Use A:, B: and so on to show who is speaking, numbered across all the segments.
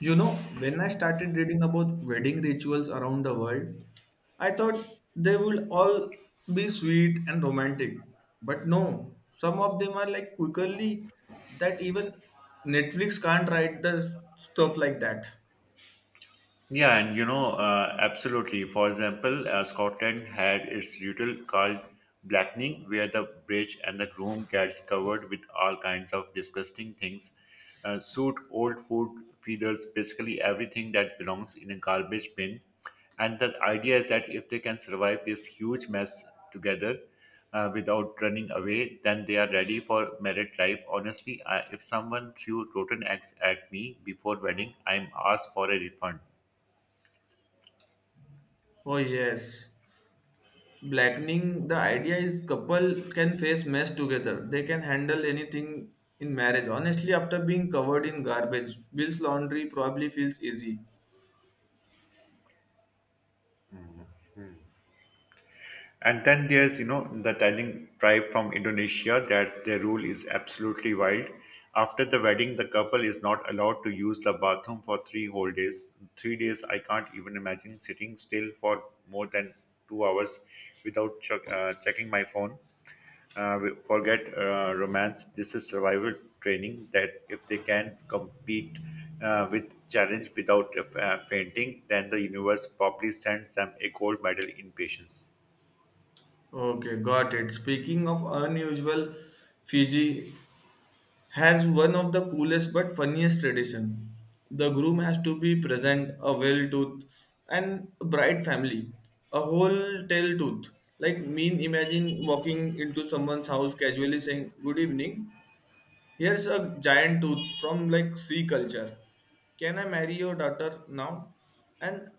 A: You know, when I started reading about wedding rituals around the world, I thought they would all be sweet and romantic. But no, some of them are like quickly that even Netflix can't write the stuff like that.
B: Yeah, and absolutely. For example, Scotland had its ritual called blackening, where the bridge and the groom gets covered with all kinds of disgusting things, soot, old food, feathers, basically everything that belongs in a garbage bin. And the idea is that if they can survive this huge mess together without running away, then they are ready for married life. Honestly, if someone threw rotten eggs at me before wedding, I'm asked for a refund.
A: Oh, yes. Blackening the idea is couple can face mess together. They can handle anything in marriage. Honestly, after being covered in garbage, Bill's laundry probably feels easy.
B: And then there's the telling tribe from Indonesia that their rule is absolutely wild. After the wedding, the couple is not allowed to use the bathroom for 3 whole days. 3 days, I can't even imagine sitting still for more than 2 hours without checking my phone. Forget romance. This is survival training that if they can compete with challenge without fainting, then the universe probably sends them a gold medal in patience.
A: Okay, got it. Speaking of unusual, Fiji has one of the coolest but funniest tradition. The groom has to be present, a well tooth, and bride family, a whole tail tooth. Like mean, imagine walking into someone's house casually saying "Good evening," here's a giant tooth from like sea culture. Can I marry your daughter now? And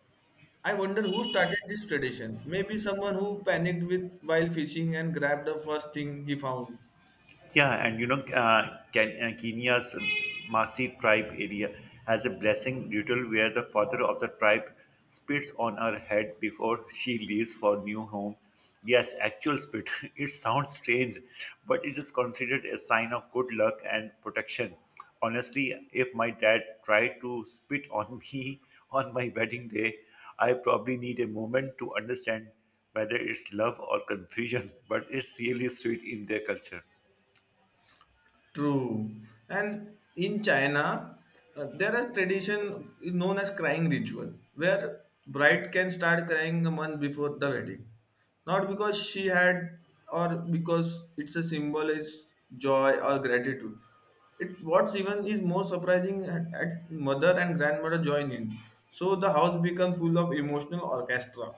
A: I wonder who started this tradition. Maybe someone who panicked with while fishing and grabbed the first thing he found.
B: Yeah, and Kenya's Masi tribe area has a blessing ritual where the father of the tribe spits on her head before she leaves for new home. Yes, actual spit. It sounds strange, but it is considered a sign of good luck and protection. Honestly, if my dad tried to spit on me on my wedding day, I probably need a moment to understand whether it's love or confusion, but it's really sweet in their culture.
A: True. And in China, there are tradition is known as crying ritual, where bride can start crying a month before the wedding. Not because she had or because it's a symbol is joy or gratitude. It what's even is more surprising at mother and grandmother join in. So the house becomes full of emotional orchestra.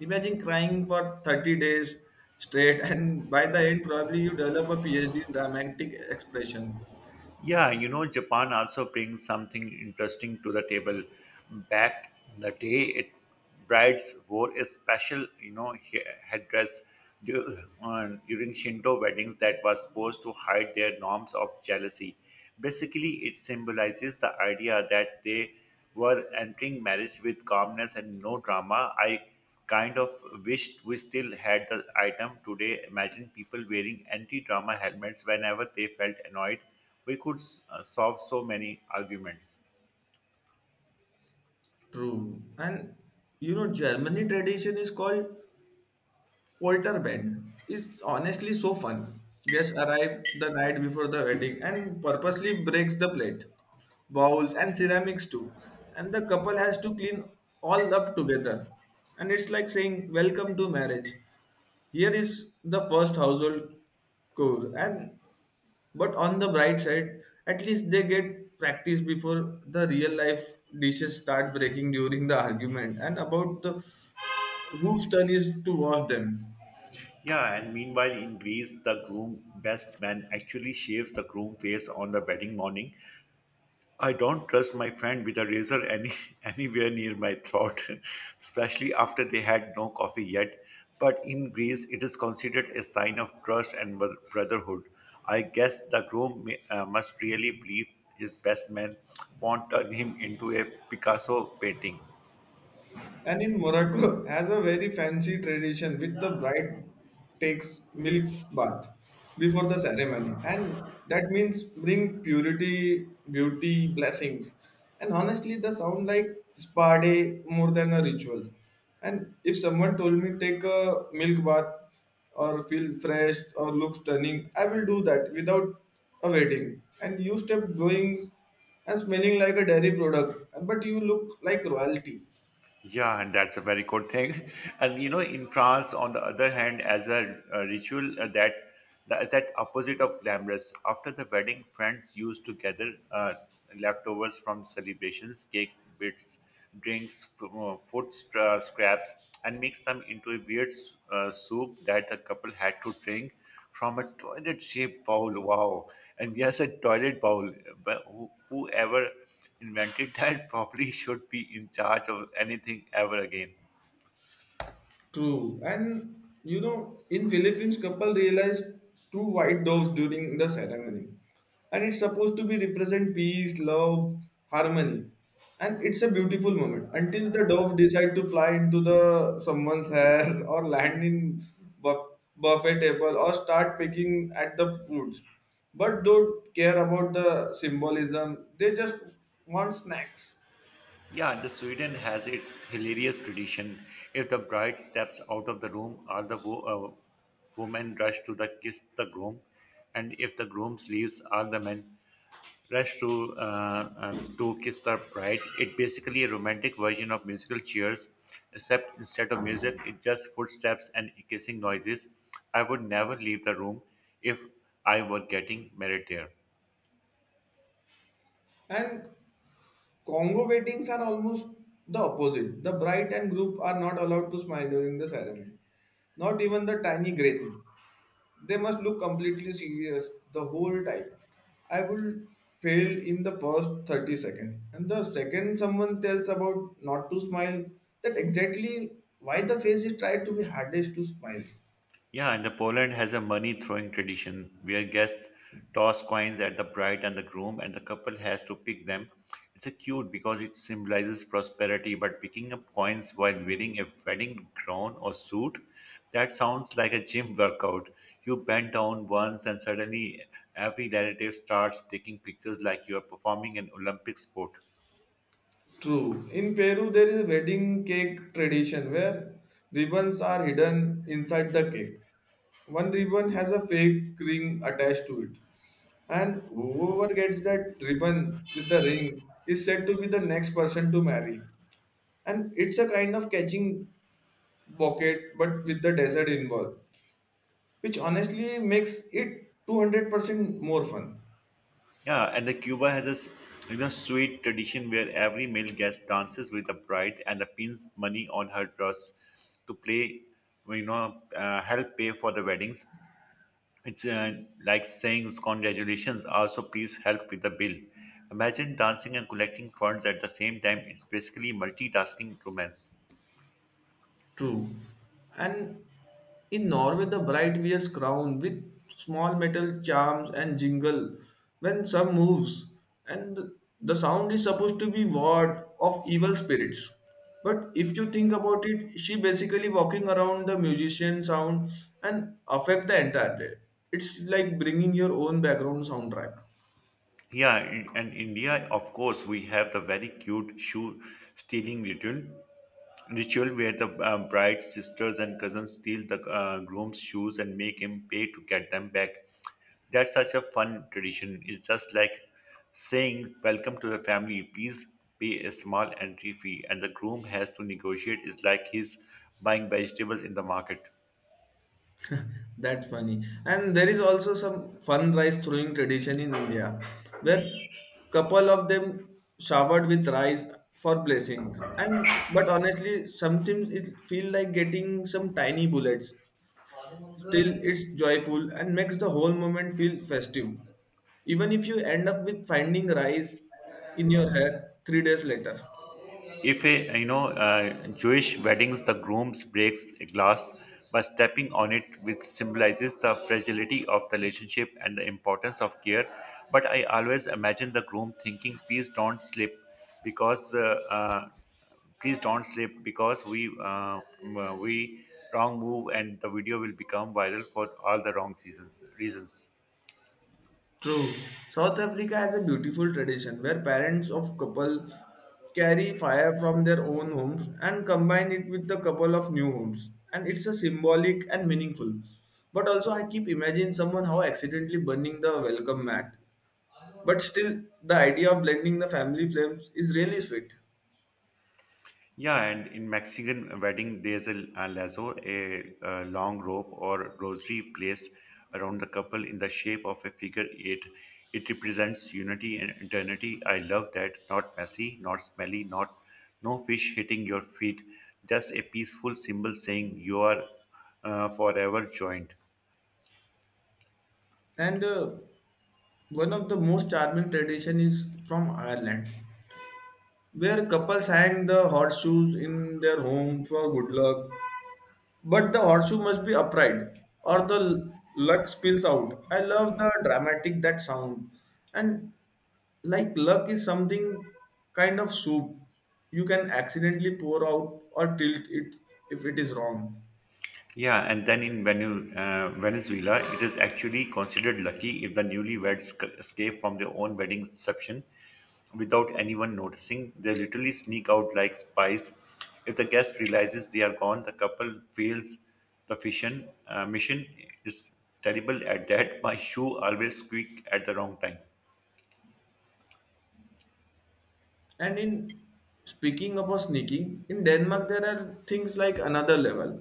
A: Imagine crying for 30 days straight, and by the end, probably you develop a PhD in dramatic expression.
B: Yeah, Japan also brings something interesting to the table. Back in the day, it brides wore a special, headdress during Shinto weddings that was supposed to hide their norms of jealousy. Basically, it symbolizes the idea that they were entering marriage with calmness and no drama. I kind of wished we still had the item today. Imagine people wearing anti drama helmets whenever they felt annoyed. We could solve so many arguments.
A: True. And you know, Germany tradition is called Walter Bend is honestly so fun. Guests arrive the night before the wedding and purposely breaks the plate, bowls and ceramics too. And the couple has to clean all up together. And it's like saying welcome to marriage. Here is the first household chore and but on the bright side, at least they get practice before the real life dishes start breaking during the argument and about the whose turn is to wash them.
B: Yeah, and meanwhile, in Greece, the groom best man actually shaves the groom face on the wedding morning. I don't trust my friend with a razor any anywhere near my throat, especially after they had no coffee yet. But in Greece, it is considered a sign of trust and brotherhood. I guess the groom must really believe his best man won't turn him into a Picasso painting.
A: And in Morocco, has a very fancy tradition with the bride takes milk bath before the ceremony, and that means bring purity, beauty, blessings. And honestly, the sound like spa day more than a ritual. And if someone told me take a milk bath or feel fresh or look stunning, I will do that without a wedding. And you step going and smelling like a dairy product, but you look like royalty.
B: Yeah, and that's a very good thing. And in France, on the other hand, as a ritual that the exact opposite of glamorous. After the wedding, friends used to gather leftovers from celebrations, cake bits, drinks, food scraps, and mix them into a weird soup that the couple had to drink from a toilet shaped bowl. Wow. And yes, a toilet bowl. But whoever invented that probably should be in charge of anything ever again.
A: True. And you know, in Philippines, couple realized two white doves during the ceremony. And it's supposed to be represent peace, love, harmony. And it's a beautiful moment until the dove decide to fly into the someone's hair or land in buff, buffet table or start picking at the fruits. But don't care about the symbolism. They just want snacks.
B: Yeah, the Sweden has its hilarious tradition. If the bride steps out of the room, all the women rush to the kiss the groom, and if the groom leaves, all the men rush to kiss the bride. It basically a romantic version of musical Cheers, except instead of music, it just footsteps and kissing noises. I would never leave the room if I were getting married there.
A: And Congo weddings are almost the opposite. The bride and groom are not allowed to smile during the ceremony. Not even the tiny grin. They must look completely serious the whole time. I will fail in the first 30 seconds. And the second someone tells about not to smile, that exactly why the face is tried to be hardest to smile.
B: Yeah, and the Poland has a money throwing tradition where guests toss coins at the bride and the groom, and the couple has to pick them. It's a cute because it symbolizes prosperity, but picking up coins while wearing a wedding gown or suit, that sounds like a gym workout. You bend down once, and suddenly every relative starts taking pictures like you are performing an Olympic sport.
A: True. In Peru, there is a wedding cake tradition where ribbons are hidden inside the cake. One ribbon has a fake ring attached to it, and whoever gets that ribbon with the ring is said to be the next person to marry. And it's a kind of catching bucket, but with the desert involved, which honestly makes it 200% more fun.
B: Yeah, and the Cuba has a sweet tradition where every male guest dances with the bride and the pins money on her dress to play, you know, help pay for the weddings. It's like saying congratulations, also please help with the bill. Imagine dancing and collecting funds at the same time. It's basically multitasking romance.
A: True. And in Norway, the bride wears crown with small metal charms and jingle when sun moves, and the sound is supposed to be ward of evil spirits. But if you think about it, she basically walking around the musician sound and affect the entire day. It's like bringing your own background soundtrack.
B: Yeah, and India, of course, we have the very cute shoe stealing ritual where the bride's sisters and cousins steal the groom's shoes and make him pay to get them back. That's such a fun tradition. It's just like saying, Welcome to the family, please pay a small entry fee, and the groom has to negotiate. It's like he's buying vegetables in the market.
A: That's funny. And there is also some fun rice throwing tradition in India, where couple of them showered with rice for blessing. And but honestly, sometimes it feel like getting some tiny bullets. Still, it's joyful and makes the whole moment feel festive. Even if you end up with finding rice in your hair 3 days later.
B: If a Jewish weddings, the groom breaks a glass by stepping on it, which symbolizes the fragility of the relationship and the importance of care. But I always imagine the groom thinking, "Please don't slip," because please don't slip because we wrong move and the video will become viral for all the wrong seasons reasons.
A: True. South Africa has a beautiful tradition where parents of couple carry fire from their own homes and combine it with the couple of new homes. And it's a symbolic and meaningful. But also I keep imagining someone how accidentally burning the welcome mat. But still the idea of blending the family flames is really sweet.
B: Yeah, and in Mexican wedding, there's a lazo, a long rope or rosary placed around the couple in the shape of a figure eight. It represents unity and eternity. I love that. Not messy, not smelly, not no fish hitting your feet. Just a peaceful symbol saying you are forever joined.
A: And one of the most charming tradition is from Ireland, where couples hang the horseshoes in their home for good luck. But the horseshoe must be upright, or the luck spills out. I love the dramatic that sound, and like luck is something kind of soup you can accidentally pour out or tilt it if it is wrong.
B: Yeah, and then in Venezuela, it is actually considered lucky if the newlyweds escape from their own wedding reception without anyone noticing. They literally sneak out like spies. If the guest realizes they are gone, the couple fails the mission. Is terrible at that. My shoe always squeak at the wrong time.
A: And in speaking about sneaking, in Denmark there are things like another level.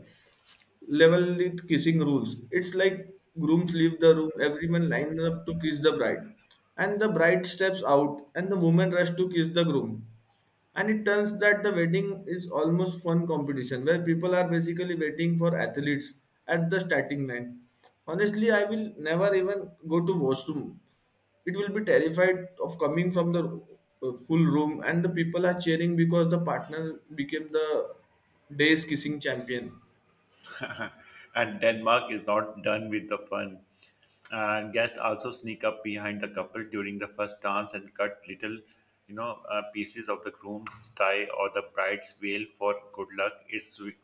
A: Level with kissing rules. It's like grooms leave the room, everyone lines up to kiss the bride, and the bride steps out, and the woman rush to kiss the groom. And it turns that the wedding is almost fun competition where people are basically waiting for athletes at the starting line. Honestly, I will never even go to washroom. It will be terrified of coming from the full room, and the people are cheering because the partner became the day's kissing champion.
B: And Denmark is not done with the fun. And guests also sneak up behind the couple during the first dance and cut little, pieces of the groom's tie or the bride's veil for good luck.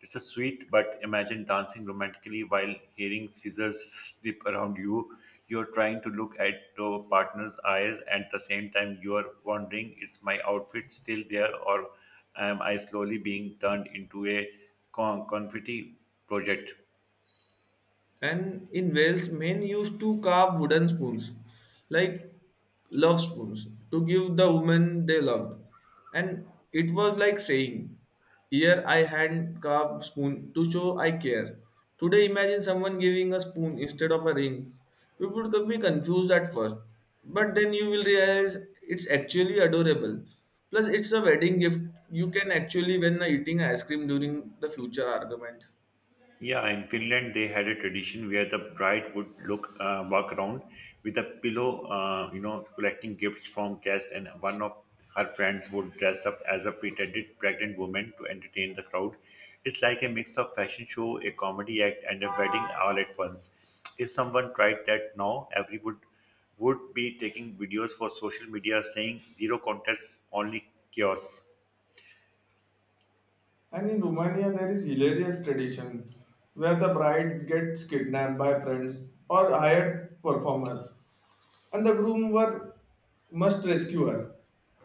B: It's a sweet, but imagine dancing romantically while hearing scissors snip around you. You're trying to look at your partner's eyes, and at the same time, you're wondering, is my outfit still there, or am I slowly being turned into a confetti project.
A: And in Wales, men used to carve wooden spoons, like love spoons, to give the woman they loved. And it was like saying, here I hand carved spoon to show I care. Today, imagine someone giving a spoon instead of a ring. You would be confused at first, but then you will realize it's actually adorable. Plus, it's a wedding gift you can actually win a eating ice cream during the future argument.
B: Yeah, in Finland they had a tradition where the bride would look walk around with a pillow, collecting gifts from guests, and one of her friends would dress up as a pretended pregnant woman to entertain the crowd. It's like a mix of fashion show, a comedy act, and a wedding all at once. If someone tried that now, everyone would be taking videos for social media saying zero contests, only chaos.
A: And in Romania, there is hilarious tradition where the bride gets kidnapped by friends or hired performers, and the groom were, must rescue her,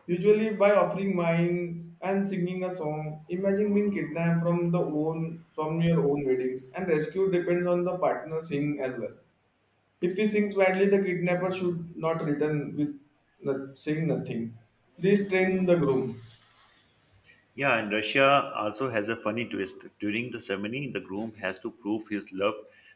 A: usually by offering wine and singing a song. Imagine being kidnapped from the own from your own weddings, and rescue depends on the partner singing as well. If he sings badly, the kidnapper should not return with not, saying nothing. Please train the groom.
B: Yeah, and Russia also has a funny twist. During the ceremony, the groom has to prove his love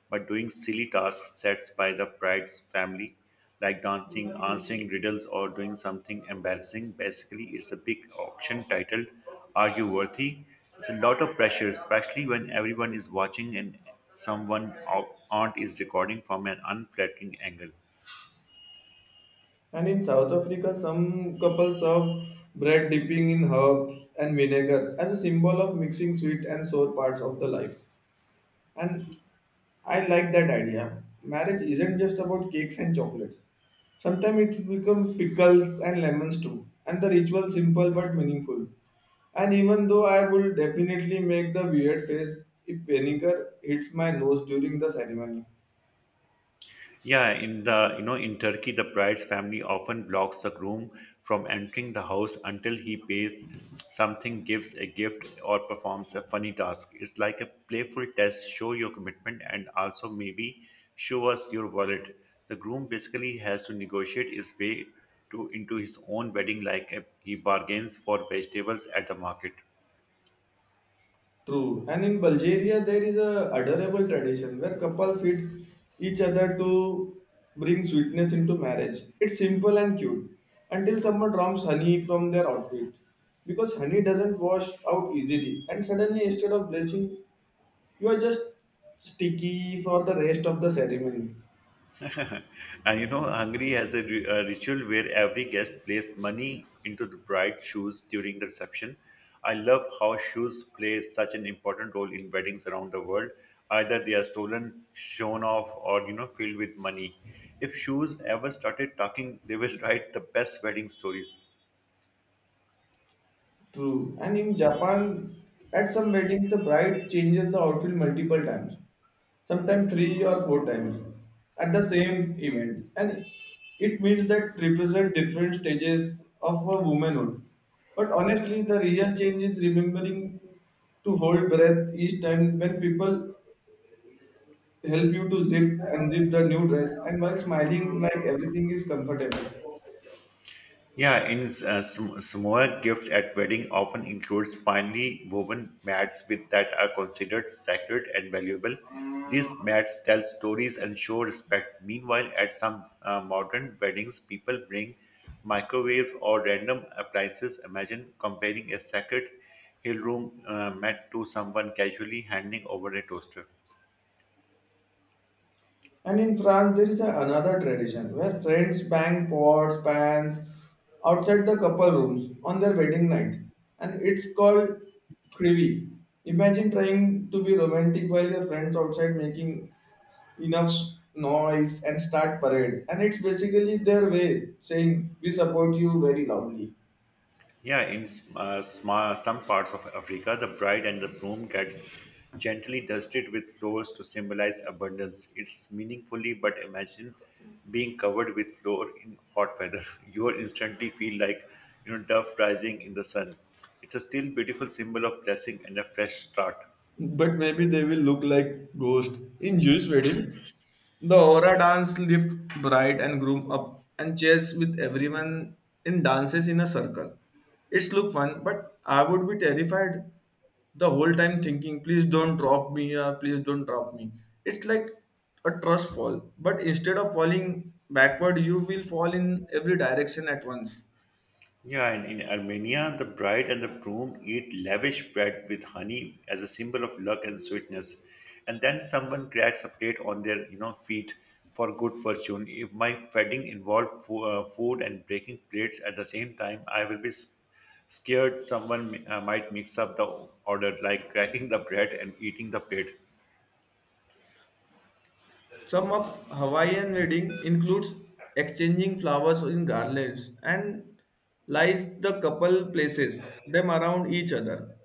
B: by doing silly tasks set by the bride's family, like dancing, answering riddles, or doing something embarrassing. Basically, it's a big auction titled Are You Worthy? It's a lot of pressure, especially when everyone is watching and someone aunt is recording from an unflattering angle.
A: And in South Africa, some couples serve bread dipping in herbs and vinegar as a symbol of mixing sweet and sour parts of the life. And I like that idea. Marriage isn't just about cakes and chocolates. Sometimes it becomes pickles and lemons too. And the ritual simple but meaningful. And even though I will definitely make the weird face if vinegar hits my nose during the ceremony.
B: Yeah, in Turkey, the bride's family often blocks the groom from entering the house until he pays something, gives a gift, or performs a funny task. It's like a playful test, show your commitment and also maybe show us your wallet. The groom basically has to negotiate his way to into his own wedding like he bargains for vegetables at the market.
A: True. And in Bulgaria, there is a adorable tradition where couples feed each other to bring sweetness into marriage. It's simple and cute until someone drops honey from their outfit because honey doesn't wash out easily. And suddenly, instead of blessing, you are just sticky for the rest of the ceremony.
B: And Hungary has a ritual where every guest plays money into the bride's shoes during the reception. I love how shoes play such an important role in weddings around the world. Either they are stolen, shown off, or filled with money. If shoes ever started talking, they will write the best wedding stories.
A: True. And in Japan, at some weddings, the bride changes the outfit multiple times, sometimes three or four times at the same event. And it means that represent different stages of a womanhood. But honestly, the real change is remembering to hold breath each time when people help you to zip and zip the new dress and while smiling like everything is comfortable.
B: Yeah, in Samoa, gifts at wedding often includes finely woven mats with that are considered sacred and valuable. These mats tell stories and show respect. Meanwhile, at some modern weddings, people bring microwave or random appliances. Imagine comparing a sacred hill room mat to someone casually handing over a toaster.
A: And in France, there is a, another tradition where friends bang pots, pans outside the couple rooms on their wedding night, and it's called crivy. Imagine trying to be romantic while your friends outside making enough noise and start parade, and it's basically their way saying we support you very loudly.
B: Yeah, in s- sma some parts of Africa, the bride and the groom gets gently dusted with flowers to symbolize abundance. It's meaningfully, but imagine being covered with flour in hot weather. You will instantly feel like dove rising in the sun. It's a still beautiful symbol of blessing and a fresh start.
A: But maybe they will look like ghosts. In Jewish wedding, the aura dance lifts bride and groom up and cheers with everyone in dances in a circle. It's look fun, but I would be terrified the whole time thinking, please don't drop me, please don't drop me. It's like a trust fall, but instead of falling backward, you will fall in every direction at once.
B: Yeah, and in Armenia, the bride and the groom eat lavish bread with honey as a symbol of luck and sweetness. And then someone cracks a plate on their, feet for good fortune. If my wedding involved food and breaking plates at the same time, I will be scared someone might mix up the order, like cracking the bread and eating the plate.
A: Some of Hawaiian wedding includes exchanging flowers in garlands and lies the couple places them around each other.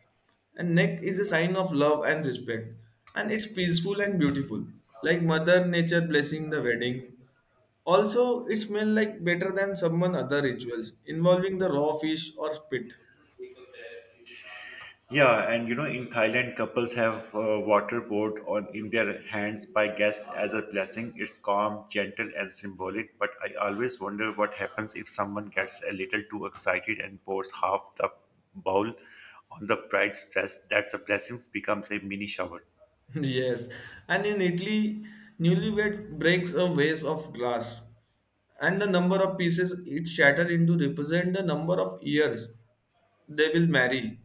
A: And neck is a sign of love and respect, and it's peaceful and beautiful, like Mother Nature blessing the wedding. Also, it smells like better than someone other rituals involving the raw fish or spit.
B: Yeah, and in Thailand, couples have water poured on in their hands by guests as a blessing. It's calm, gentle, and symbolic. But I always wonder what happens if someone gets a little too excited and pours half the bowl on the bride's dress. That's a blessing becomes a mini shower.
A: Yes, and in Italy, newlywed breaks a vase of glass, and the number of pieces it shattered into represent the number of years they will marry.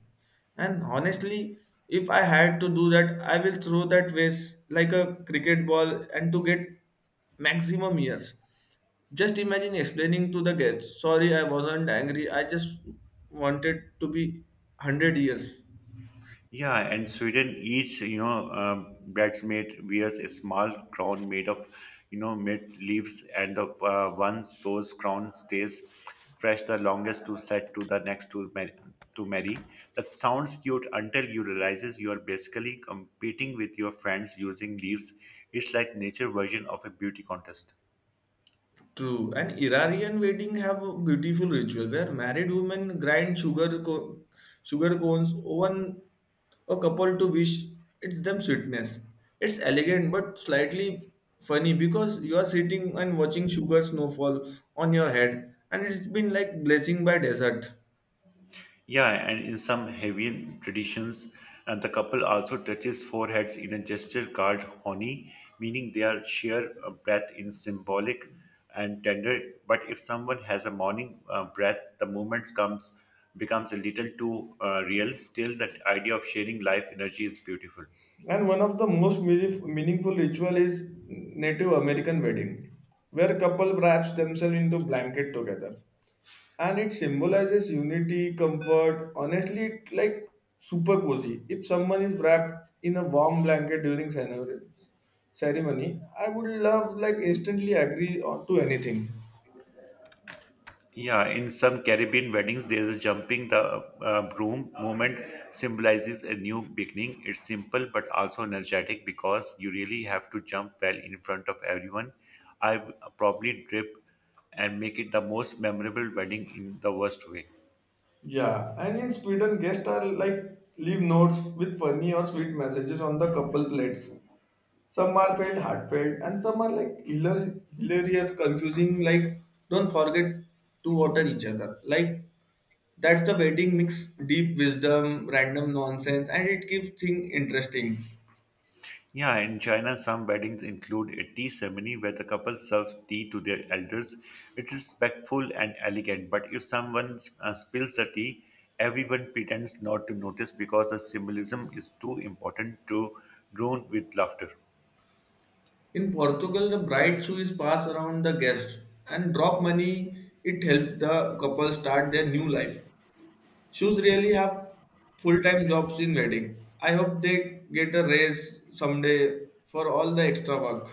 A: And honestly, if I had to do that, I will throw that vase like a cricket ball and to get maximum years. Just imagine explaining to the guests, sorry, I wasn't angry, I just wanted to be 100 years.
B: Yeah, and Sweden, each bridesmaid wears a small crown made of mint leaves, and the once those crown stays fresh the longest to set to the next to marry, to marry. That sounds cute until you realizes you are basically competing with your friends using leaves. It's like nature version of a beauty contest.
A: True. And Iranian wedding have a beautiful ritual where married women grind sugar cones oven a couple to wish it's them sweetness. It's elegant but slightly funny because you are sitting and watching sugar snowfall on your head and it's been like blessing by desert.
B: Yeah, and in some Hawaiian traditions, the couple also touches foreheads in a gesture called honi, meaning they are share a breath in symbolic and tender. But if someone has a morning breath, the movement comes becomes a little too real. Still, that idea of sharing life energy is beautiful.
A: And one of the most meaningful ritual is Native American wedding, where couple wraps themselves into blanket together. And it symbolizes unity, comfort. Honestly, it like super cozy. If someone is wrapped in a warm blanket during ceremony, I would love like instantly agree on to anything.
B: Yeah, in some Caribbean weddings, there is a jumping the broom moment. Symbolizes a new beginning. It's simple but also energetic because you really have to jump well in front of everyone. I probably drip and make it the most memorable wedding in the worst way.
A: Yeah, and in Sweden, guests are like leave notes with funny or sweet messages on the couple plates. Some are felt heartfelt, and some are like hilarious, confusing. Like, don't forget to water each other. Like, that's the wedding mix deep wisdom, random nonsense, and it keeps things interesting.
B: Yeah, in China, some weddings include a tea ceremony where the couple serves tea to their elders. It's respectful and elegant, but if someone spills the tea, everyone pretends not to notice because the symbolism is too important to ruin with laughter.
A: In Portugal, the bride shoe is passed around the guest and drop money. It helps the couple start their new life. Shoes really have full-time jobs in wedding. I hope they get a raise someday for all the extra work.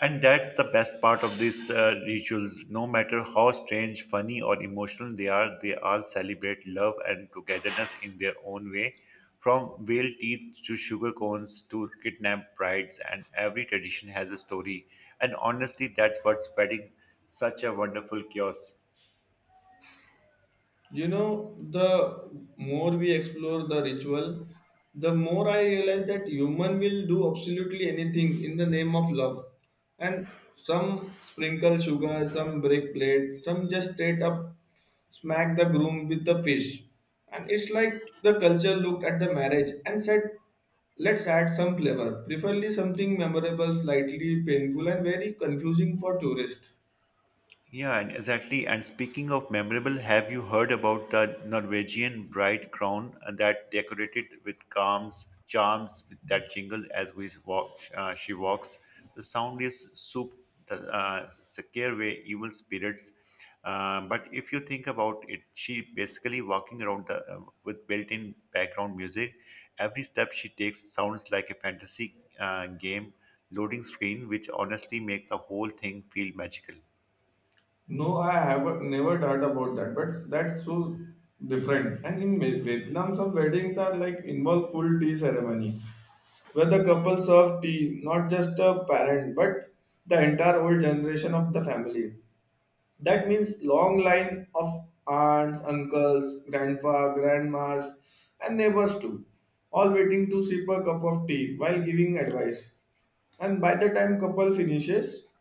B: And that's the best part of these rituals. No matter how strange, funny, or emotional they are, they all celebrate love and togetherness in their own way. From whale teeth to sugar cones to kidnapped brides, and every tradition has a story. And honestly, that's what's spreading such a wonderful chaos.
A: You know, the more we explore the ritual, the more I realize that human will do absolutely anything in the name of love. And some sprinkle sugar, some break plate, some just straight up smack the groom with the fish. And it's like the culture looked at the marriage and said, let's add some flavor, preferably something memorable, slightly painful, and very confusing for tourists.
B: Yeah, and exactly. And speaking of memorable, have you heard about the Norwegian bride crown that decorated with calms, charms with that jingle as we walk, she walks? The sound is soup, the scare away evil spirits. But if you think about it, she basically walking around the with built-in background music. Every step she takes sounds like a fantasy game loading screen, which honestly make the whole thing feel magical.
A: No, I have never heard about that, but that's so different. And in Vietnam, some weddings are like involve full tea ceremony, where the couple serve tea, not just a parent, but the entire old generation of the family. That means long line of aunts, uncles, grandpa, grandmas, and neighbors too, all waiting to sip a cup of tea while giving advice. And by the time couple finishes,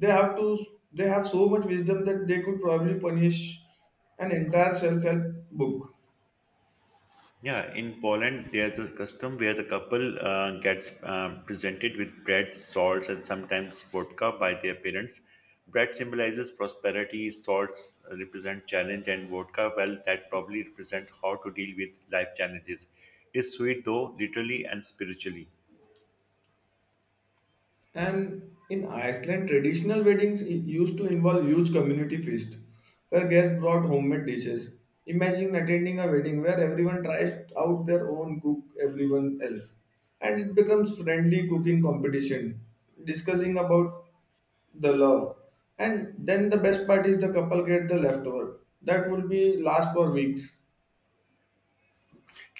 A: they have to they have so much wisdom that they could probably punish an entire self-help book.
B: Yeah, in Poland, there's a custom where the couple gets presented with bread, salts, and sometimes vodka by their parents. Bread symbolizes prosperity, salts represent challenge, and vodka, well, that probably represent how to deal with life challenges. It's sweet though, literally and spiritually.
A: And in Iceland, traditional weddings used to involve huge community feast where guests brought homemade dishes. Imagine attending a wedding where everyone tries out their own cook, everyone else, and it becomes friendly cooking competition, discussing about the love. And then the best part is the couple get the leftover that will be last for weeks.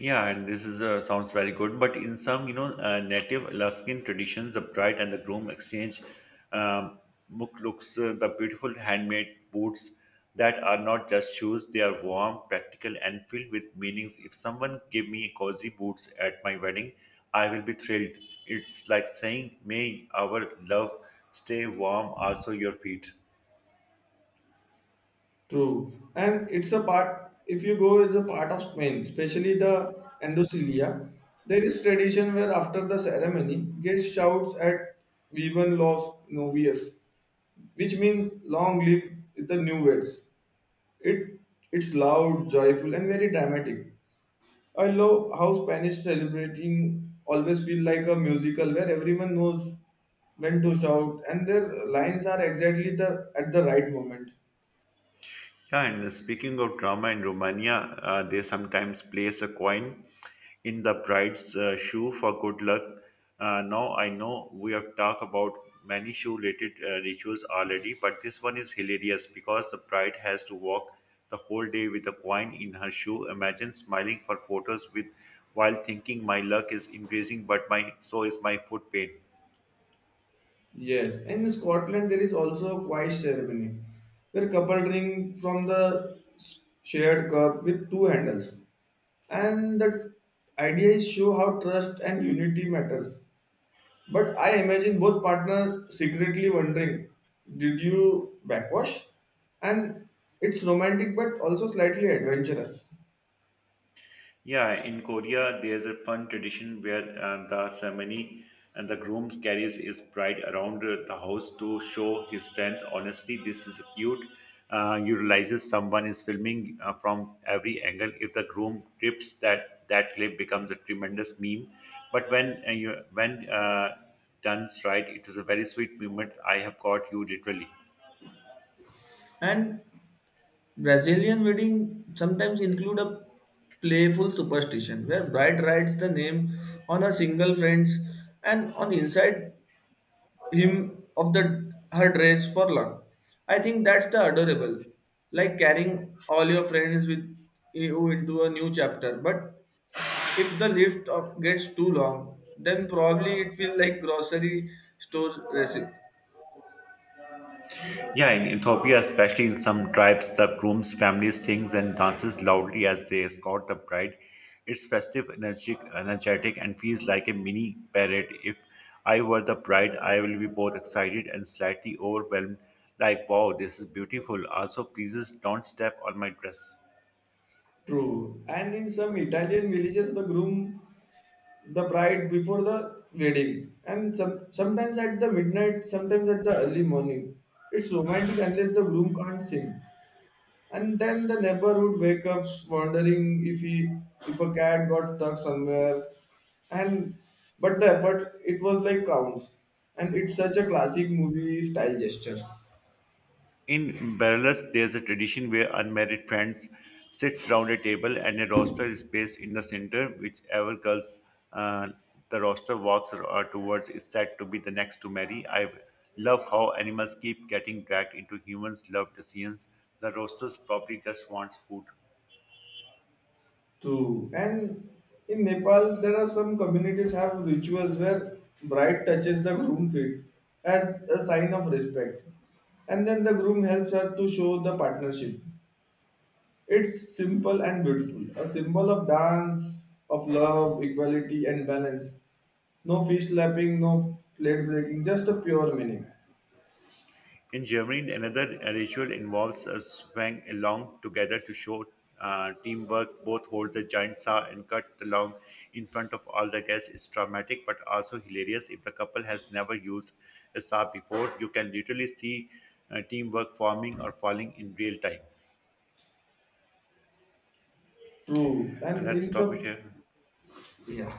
B: Yeah, and this is sounds very good. But in some, you know, native Alaskan traditions, the bride and the groom exchange um, muklooks, the beautiful handmade boots that are not just shoes; they are warm, practical, and filled with meanings. If someone give me cozy boots at my wedding, I will be thrilled. It's like saying, "May our love stay warm, also your feet."
A: True, and it's a part. If you go, it's a part of Spain, especially the Andalusia. There is tradition where after the ceremony, gets shouts at "Vivan los novios," which means "Long live the new weds." It it's loud, joyful, and very dramatic. I love how Spanish celebrating always feel like a musical where everyone knows when to shout, and their lines are exactly the at the right moment.
B: Yeah, and speaking of drama in Romania, they sometimes place a coin in the bride's shoe for good luck. Now, I know we have talked about many shoe related rituals already, but this one is hilarious because the bride has to walk the whole day with a coin in her shoe. Imagine smiling for photos with while thinking my luck is increasing, but my so is my foot pain.
A: Yes, and in Scotland there is also a quiet ceremony where couple drink from the shared cup with two handles. And the idea is show how trust and unity matters. But I imagine both partners secretly wondering, did you backwash? And it's romantic but also slightly adventurous.
B: Yeah, in Korea, there's a fun tradition where the ceremony and the groom carries his bride around the house to show his strength. Honestly, this is cute. You realizes someone is filming from every angle. If the groom trips, that clip becomes a tremendous meme. But when you when done right, it is a very sweet moment. I have caught you literally.
A: And Brazilian wedding sometimes include a playful superstition where bride writes the name on her single friends and on inside him of the her dress for luck. I think that's the adorable, like carrying all your friends with you into a new chapter. But if the list of gets too long, then probably it feels like grocery store recipe.
B: Yeah, in Ethiopia, especially in some tribes, the groom's family sings and dances loudly as they escort the bride. It's festive, energetic, and feels like a mini parade. If I were the bride, I will be both excited and slightly overwhelmed, like, wow, this is beautiful. Also, please don't step on my dress.
A: True. And in some Italian villages, the groom the bride before the wedding and some, sometimes at the midnight sometimes at the early morning, it's romantic unless the groom can't sing, and then the neighborhood wake up wondering if he if a cat got stuck somewhere, and but the effort it was like counts, and it's such a classic movie style gesture.
B: In Belarus, there's a tradition where unmarried friends sits round a table and a roster is placed in the center. Whichever girls uh, the roster walks or towards is said to be the next to marry. I love how animals keep getting dragged into humans' love decisions. The roasters probably just wants food.
A: True. And in Nepal, there are some communities have rituals where bride touches the groom feet as a sign of respect, and then the groom helps her to show the partnership. It's simple and beautiful, a symbol of dance, of love, equality, and balance. No fish slapping, no plate breaking, just a pure meaning.
B: In Germany, another ritual involves a swang along together to show teamwork. Both hold the giant saw and cut the long in front of all the guests. It's dramatic but also hilarious. If the couple has never used a saw before, you can literally see teamwork forming or falling in real time.
A: True.
B: And
A: And
B: let's
A: in
B: stop it
A: some,
B: here.
A: yeah.